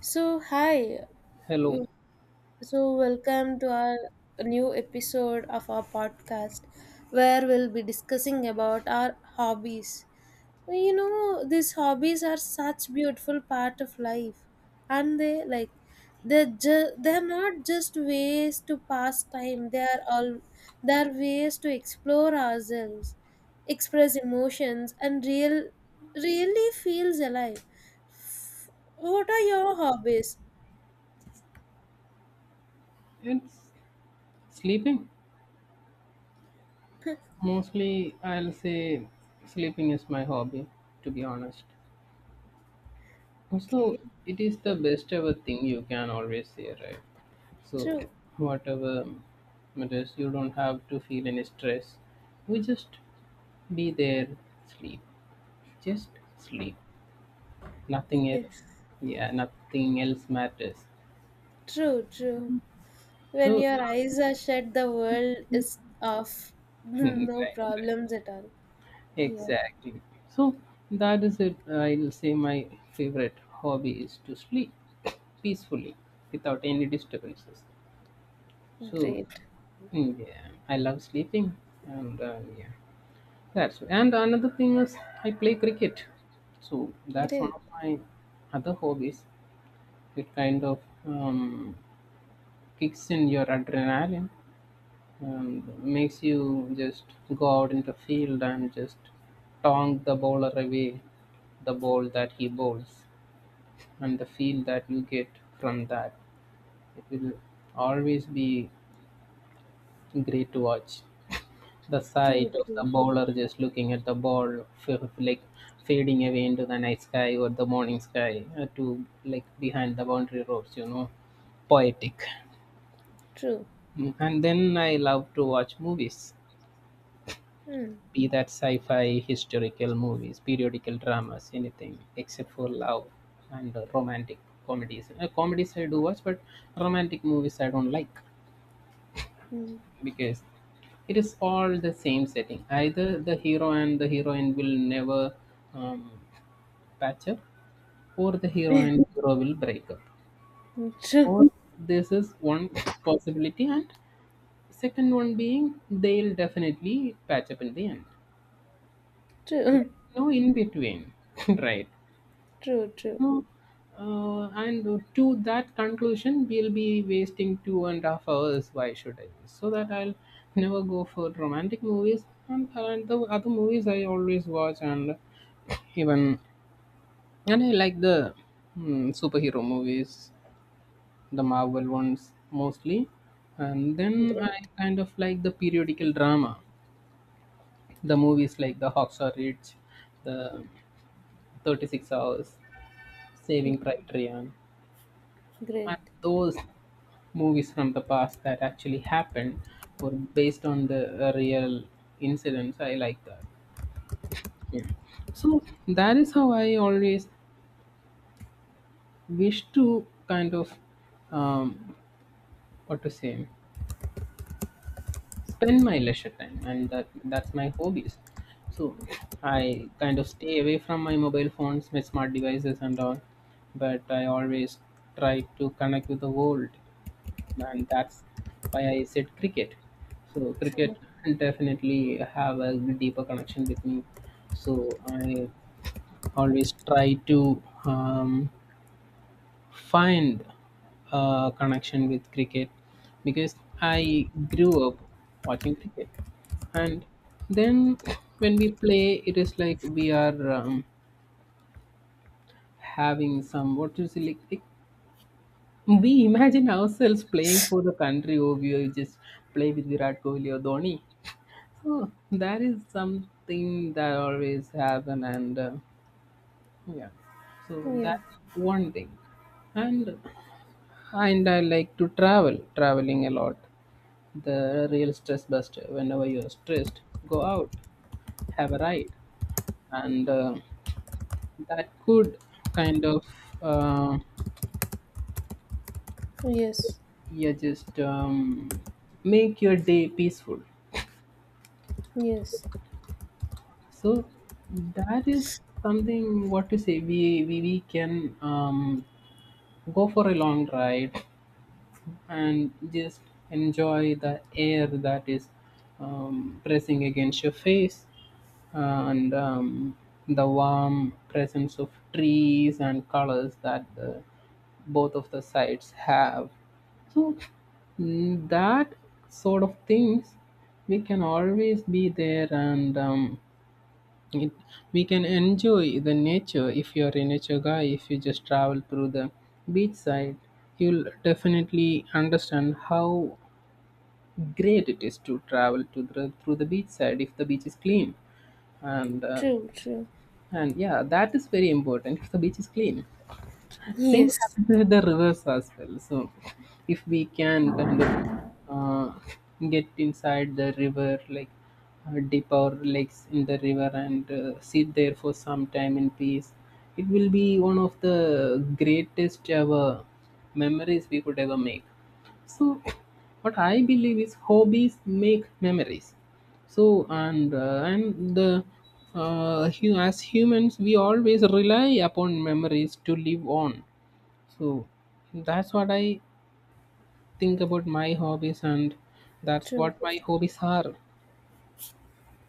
So, hi. Hello. So, welcome to our new episode of our podcast where we'll be discussing about our hobbies. These hobbies are such beautiful part of life. And they like they're not just ways to pass time. They are all they're ways to explore ourselves, express emotions and really feels alive. What are your hobbies? It's sleeping. Mostly, I'll say sleeping is my hobby, to be honest. Also, Okay. it is the best ever thing you can always say, right? So, True. whatever it is, you don't have to feel any stress. You just be there, sleep. Just sleep. Nothing Yes, else. Yeah, nothing else matters. true, true. When So, your eyes are shut, the world is off. right, No right. problems at all. Yeah, Exactly. So that is it. I'll say my favorite hobby is to sleep peacefully without any disturbances. So great, yeah, I love sleeping, and yeah, that's and another thing is I play cricket. So that's one great. of my other hobbies. It kind of um, kicks in your adrenaline and makes you just go out in the field and just taunt the bowler away the ball that he bowls and the feel that you get from that it will always be great to watch the sight True, of the true, bowler just looking at the ball like fading away into the night sky or the morning sky to like behind the boundary ropes. Poetic. true. Mm, and then I love to watch movies, Hmm. be that sci-fi, historical movies, periodical dramas, anything except for love and romantic comedies. Comedies I do watch, but romantic movies I don't like Hmm. because it is all the same setting. Either the hero and the heroine will never um, patch up, or the hero and hero will break up. Hmm. True, Or this is one possibility, and second one being they'll definitely patch up in the end. true, No in between, right? true, true. No, and to that conclusion, we'll be wasting 2.5 hours. Why should I? So that I'll never go for romantic movies, and the other movies I always watch, and even and I like the mm, superhero movies, the Marvel ones mostly, and then Great, I kind of like the periodical drama, the movies like the Hawks Are Rich, the 36 Hours, Saving Private Ryan, and great. those movies from the past that actually happened or based on the real incidents. I like that. So that is how I always wish to kind of um, what to say spend my leisure time, and that's my hobbies. So I kind of stay away from my mobile phones, my smart devices, and all. But I always try to connect with the world, and that's why I said cricket. So cricket True. definitely have a deeper connection with me. So I always try to find a connection with cricket because I grew up watching cricket, and then when we play, it is like we are having some what is it like we imagine ourselves playing for the country, or we just play with Virat Kohli or Dhoni. Oh, that is something that always happen, and yeah, so Yeah. that one thing, and and I like to travel, traveling a lot. The real stress buster. Whenever you're stressed, go out, have a ride, and that could kind of uh, Yes. yeah just make your day peaceful. Yes. So that is something what to say we can go for a long ride and just enjoy the air that is pressing against your face and the warm presence of trees and colors that the, both of the sides have. So mm, that sort of things we can always be there, and it, we can enjoy the nature if you're a nature guy. If you just travel through the beach side, you'll definitely understand how great it is to travel to the, through the beach side if the beach is clean. And True, true. and yeah, that is very important if the beach is clean. Same Yes. happens with the rivers as well. So, if we can kind of uh, get inside the river, like dip our legs in the river and sit there for some time in peace, it will be one of the greatest ever memories we could ever make. So, what I believe is hobbies make memories. So, and the as humans, we always rely upon memories to live on, so that's what I think about my hobbies, and that's True. what my hobbies are.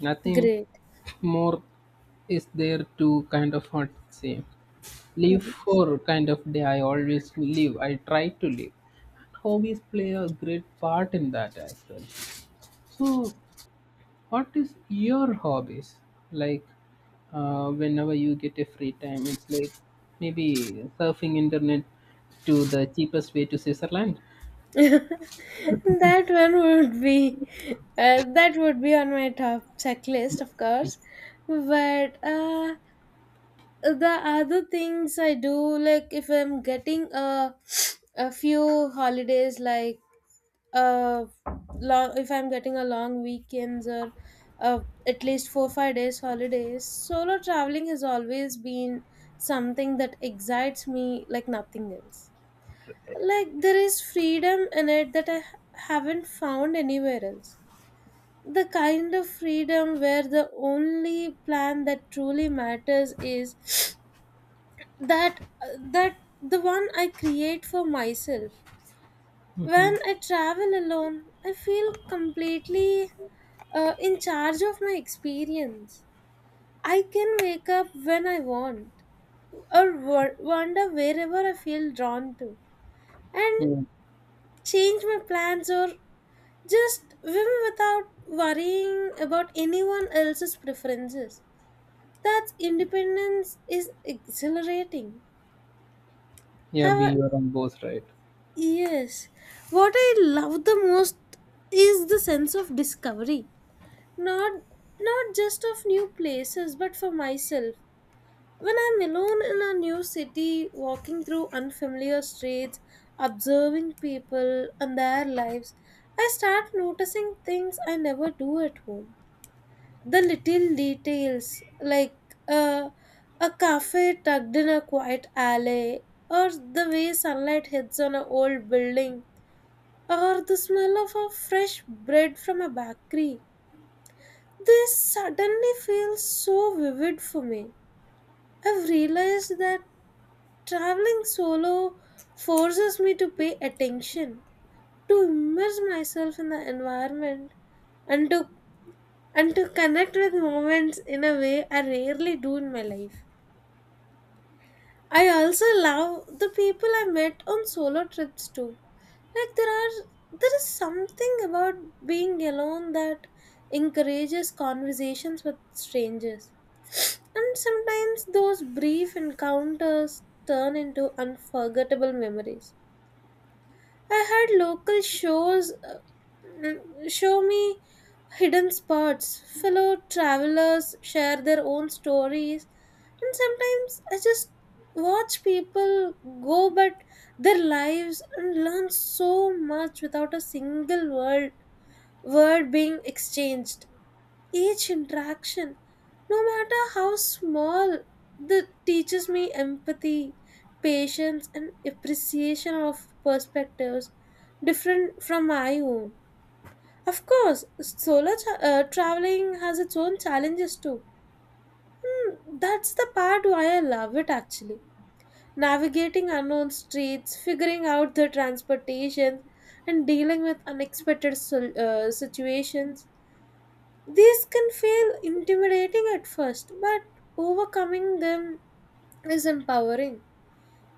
Nothing Great. more is there to kind of what to say live for kind of day. I always live. I try to live. Hobbies play a great part in that as well. So, what is your hobbies like? Whenever you get a free time, it's like maybe surfing internet to the cheapest way to Switzerland. That one would be that would be on my top checklist, of course. But the other things I do, like if I'm getting a few holidays, like uh, long if I'm getting a long weekends or uh, at least 4 5 days holidays. Solo traveling has always been something that excites me like nothing else. Like there is freedom in it that I haven't found anywhere else, the kind of freedom where the only plan that truly matters is that the one I create for myself. Mm-hmm. When I travel alone, I feel completely in charge of my experience. I can wake up when I want or wander wherever I feel drawn to and change my plans or just swim without worrying about anyone else's preferences. That independence is exhilarating. Yeah, B, Have you're on both, right? Yes. What I love the most is the sense of discovery. Not not just of new places, but for myself. When I'm alone in a new city, walking through unfamiliar streets, observing people and their lives, I start noticing things I never do at home. The little details, like uh, a cafe tucked in a quiet alley, or the way sunlight hits on an old building, or the smell of a fresh bread from a bakery. This suddenly feels so vivid for me. I've realized that traveling solo forces me to pay attention, to immerse myself in the environment, and to connect with moments in a way I rarely do in my life. I also love the people I met on solo trips too. Like there is something about being alone that encourages conversations with strangers. And sometimes those brief encounters turn into unforgettable memories. I had local shows show me hidden spots. Fellow travelers share their own stories, and sometimes I just watch people go but their lives and learn so much without a single word being exchanged. Each interaction, no matter how small, that teaches me empathy, patience, and appreciation of perspectives different from my own. Of course, solo traveling has its own challenges too. That's the part why I love it actually. Navigating unknown streets, figuring out the transportation, and dealing with unexpected situations, these can feel intimidating at first, but overcoming them is empowering.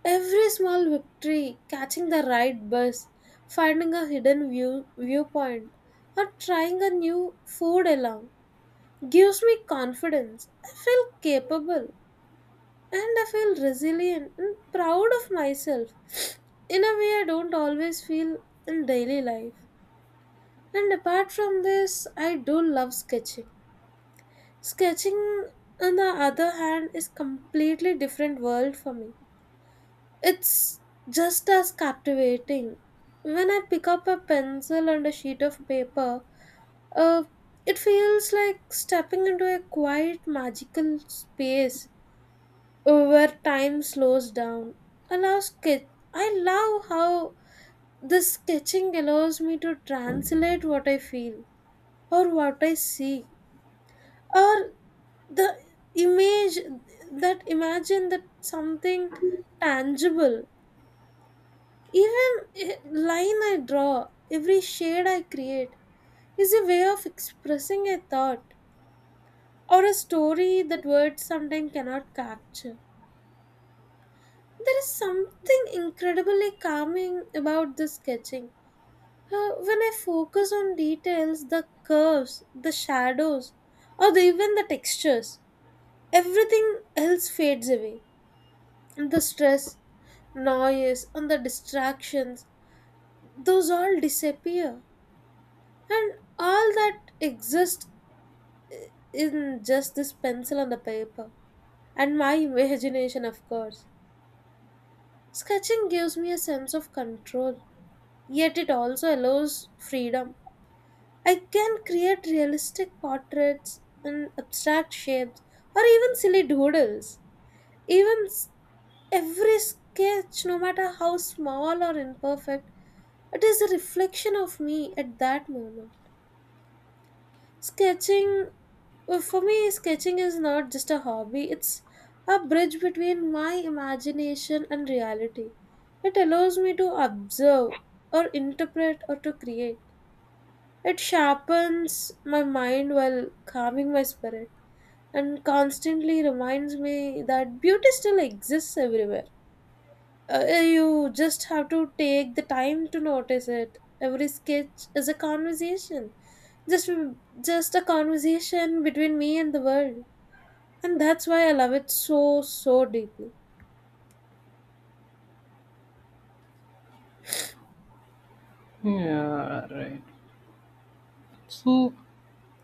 Every small victory, catching the right bus, finding a hidden viewpoint, or trying a new food along, gives me confidence. I feel capable, and I feel resilient and proud of myself in a way I don't always feel in daily life. And apart from this, I do love sketching. Sketching, on the other hand, is completely different world for me. It's just as captivating. When I pick up a pencil and a sheet of paper, uh, it feels like stepping into a quiet, magical space where time slows down. Allow sketch. I love how this sketching allows me to translate what I feel or what I see or the image that imagine that something tangible, even a line I draw, every shade I create, is a way of expressing a thought or a story that words sometimes cannot capture. There is something incredibly calming about the sketching. When I focus on details, the curves, the shadows, or even the textures, everything else fades away. The stress, noise, and the distractions, those all disappear. And all that exists in just this pencil and the paper. And my imagination, of course. Sketching gives me a sense of control, yet it also allows freedom. I can create realistic portraits and abstract shapes, or even silly doodles. Even s- every sketch, no matter how small or imperfect, it is a reflection of me at that moment. Sketching, for me, sketching is not just a hobby, it's a bridge between my imagination and reality. It allows me to observe or interpret or to create. It sharpens my mind while calming my spirit and constantly reminds me that beauty still exists everywhere. You just have to take the time to notice it. Every sketch is a conversation. Just just a conversation between me and the world. And that's why I love it so deeply. Yeah, right. So,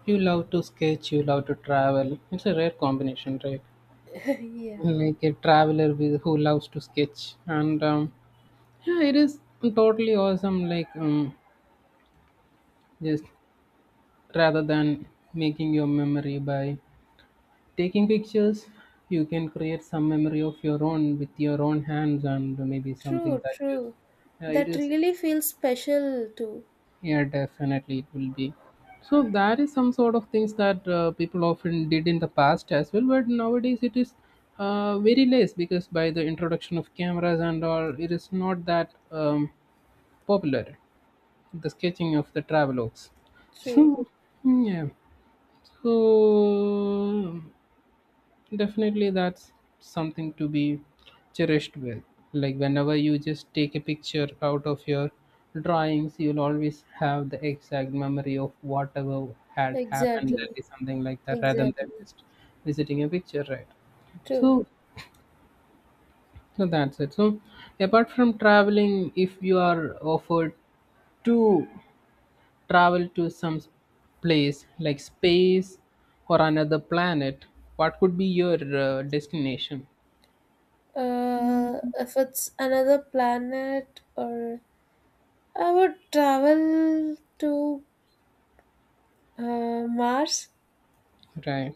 you love to sketch, you love to travel. It's a rare combination, right? Yeah. Like a traveler with who loves to sketch, and yeah, it is totally awesome. Like just rather than making your memory by taking pictures, you can create some memory of your own with your own hands and maybe something True, that you. true. Yeah, it That is. really feels special too. Yeah, definitely it will be. So that is some sort of things that people often did in the past as well, but nowadays it is very less because by the introduction of cameras and all, it is not that popular. The sketching of the travelogues. True. So yeah, so definitely, that's something to be cherished with. Like, whenever you just take a picture out of your drawings, you'll always have the exact memory of whatever had happened. Exactly. That is something like that, rather Exactly. than just visiting a picture, right? True. So, so that's it. So, apart from traveling, if you are offered to travel to some place like space or another planet, what could be your destination? If it's another planet, or I would travel to Mars. Right.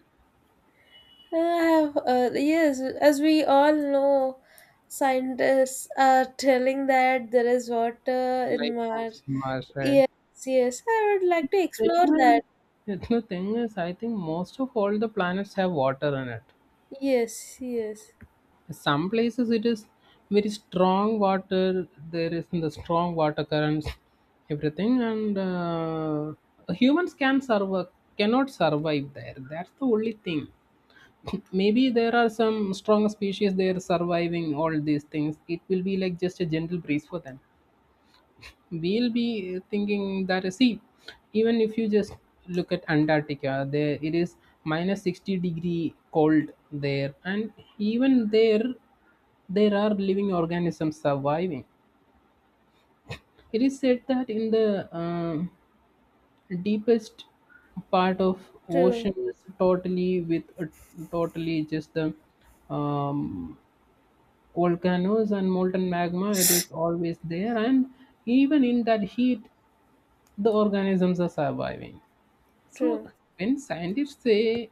I yes, as we all know, scientists are telling that there is water Life in forms Mars. in Mars, right? Yes, yes, I would like to explore Anyway, that. it's the thing is, I think most of all the planets have water in it. Yes, yes, Some places it is very strong water. There is the strong water currents, everything, and humans can survive, cannot survive there. That's the only thing. Maybe there are some strong species there surviving all these things. It will be like just a gentle breeze for them. We'll be thinking that see, even if you just look at Antarctica, there it is minus 60 degree cold there, and even there, there are living organisms surviving. It is said that in the deepest part of true, ocean is totally with totally just the um, volcanoes and molten magma, it is always there, and even in that heat the organisms are surviving. So true, when scientists say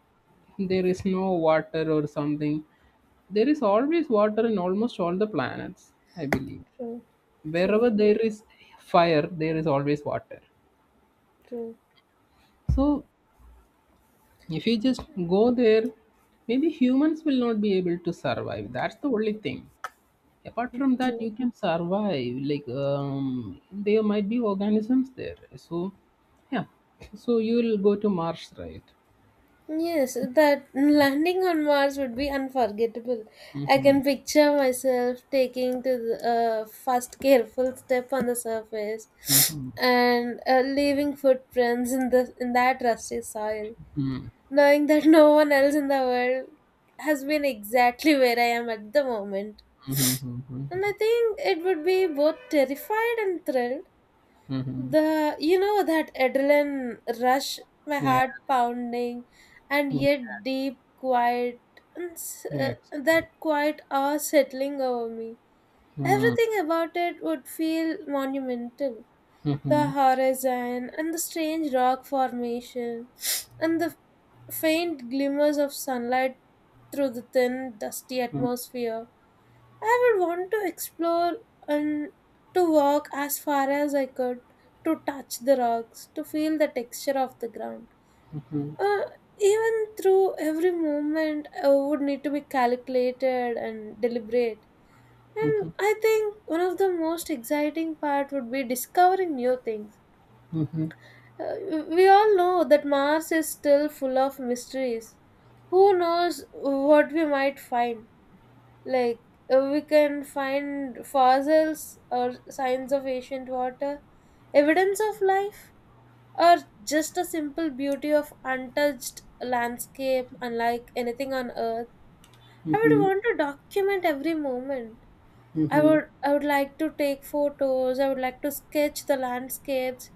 there is no water or something, there is always water in almost all the planets, I believe. true, Wherever true, there is fire, there is always water. true, So if you just go there, maybe humans will not be able to survive, that's the only thing. Apart from that, true. you can survive, like there might be organisms there. So yeah, so you will go to Mars, right? Yes, that landing on Mars would be unforgettable. I Mm-hmm. can picture myself taking to the first careful step on the surface Mm-hmm. and leaving footprints in the in that rusty soil, Mm-hmm. knowing that no one else in the world has been exactly where I am at the moment. Mm-hmm. And I Mm-hmm. think it would be both terrified and thrilled, Mm-hmm. the you know that adrenaline rush, my Yeah. heart pounding, and Mm. yet deep quiet, and Yes. that quiet awe settling over me. Mm. Everything about it would feel monumental. Mm-hmm. The horizon and the strange rock formation, and the faint glimmers of sunlight through the thin, dusty Mm-hmm. atmosphere. I would want to explore and to walk as far as I could, to touch the rocks, to feel the texture of the ground. Mm-hmm. Uh, Even through every movement, I would need to be calculated and deliberate. And Mm-hmm. I think one of the most exciting part would be discovering new things. Mm-hmm. Uh, we all know that Mars is still full of mysteries. Who knows what we might find? Like we can find fossils or signs of ancient water, evidence of life, or just a simple beauty of untouched landscape unlike anything on Earth. I would Mm-hmm. want to document every moment. I would like to take photos, I would like to sketch the landscapes,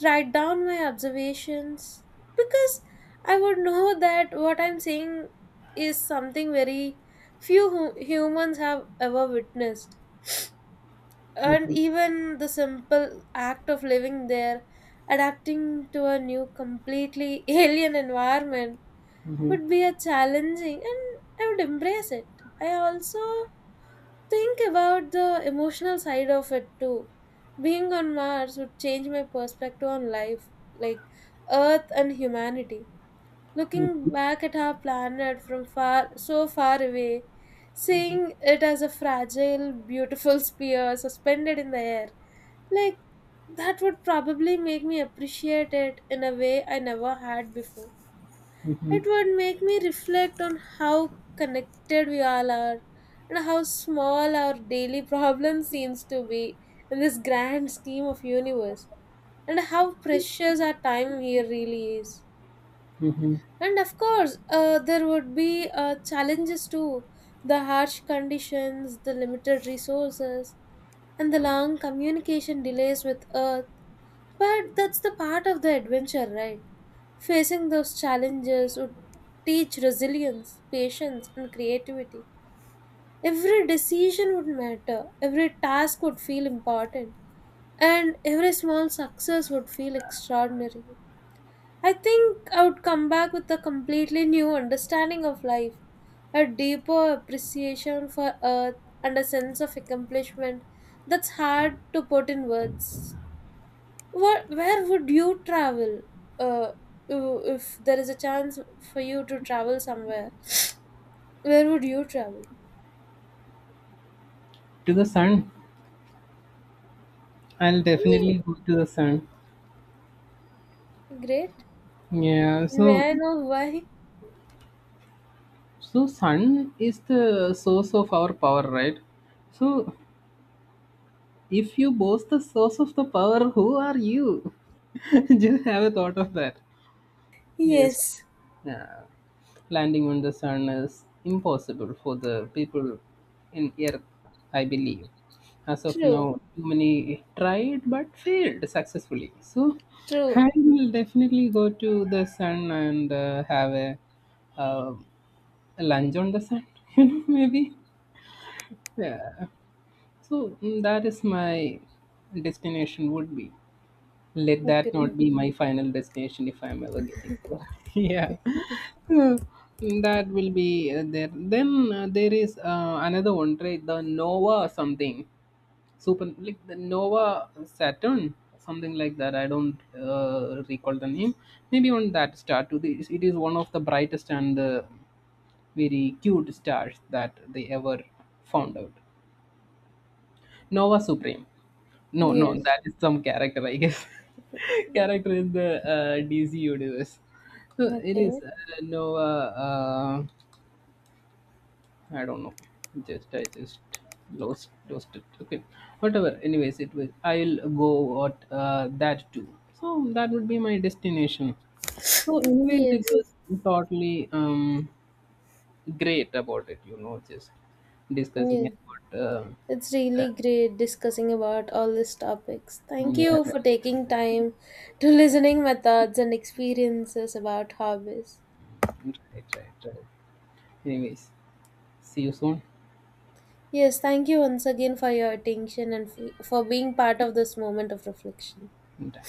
write down my observations, because I would know that what I'm saying is something very few humans have ever witnessed. And Mm-hmm. even the simple act of living there, adapting to a new, completely alien environment, would be a challenging, and I would embrace it. I also think about the emotional side of it too. Being on Mars would change my perspective on life, like Earth and humanity. Mm-hmm. Looking back at our planet from far, so far away, seeing it as a fragile, beautiful sphere suspended in the air, like that would probably make me appreciate it in a way I never had before. Mm-hmm. It would make me reflect on how connected we all are and how small our daily problem seems to be in this grand scheme of universe, and how precious our time here really is. Mm-hmm. And of course, there would be challenges too, the harsh conditions, the limited resources, and the long communication delays with Earth, but that's the part of the adventure, right? Facing those challenges would teach resilience, patience, and creativity. Every decision would matter, every task would feel important, and every small success would feel extraordinary. I think I would come back with a completely new understanding of life, a deeper appreciation for Earth, and a sense of accomplishment that's hard to put in words. What? Where would you travel? Uh, if there is a chance for you to travel somewhere, where would you travel? To the sun. I'll Me- definitely go to the sun. Great. Yeah, so May I know why? so sun is the source of our power, right? So if you boast the source of the power, who are you? Just have a thought of that. Yes. Yes. Uh, Landing on the sun is impossible for the people in Earth, I believe. As of True. now, too many tried but failed successfully. So True. I will definitely go to the sun and have uh, a lunch on the sun. You know, maybe. Yeah. So mm, that is my destination would be. Let that not Agree. be my final destination if I'm ever getting there. Yeah. So, mm, that will be there. Then there is another one, right? The Nova something. Super like the Nova Saturn, something like that. I don't recall the name. Maybe on that star too. This- It is one of the brightest and the very cute stars that they ever found out. Nova Supreme. No, no, Yes. that is some character, I guess. Character in the DC universe. So it is Okay. Noah. I don't know. Just I just lost it. Okay, whatever. Anyways, it was. I'll go at that too. So that would be my destination. So anyways, Yes. it was totally great about it. You know, just discussing Yeah. about It's really that. great discussing about all these topics. Thank Yeah, you right, for taking time to listening my thoughts and experiences about hobbies. right, right, right. Anyways. See you soon. Yes, thank you once again for your attention and for being part of this moment of reflection. Bye.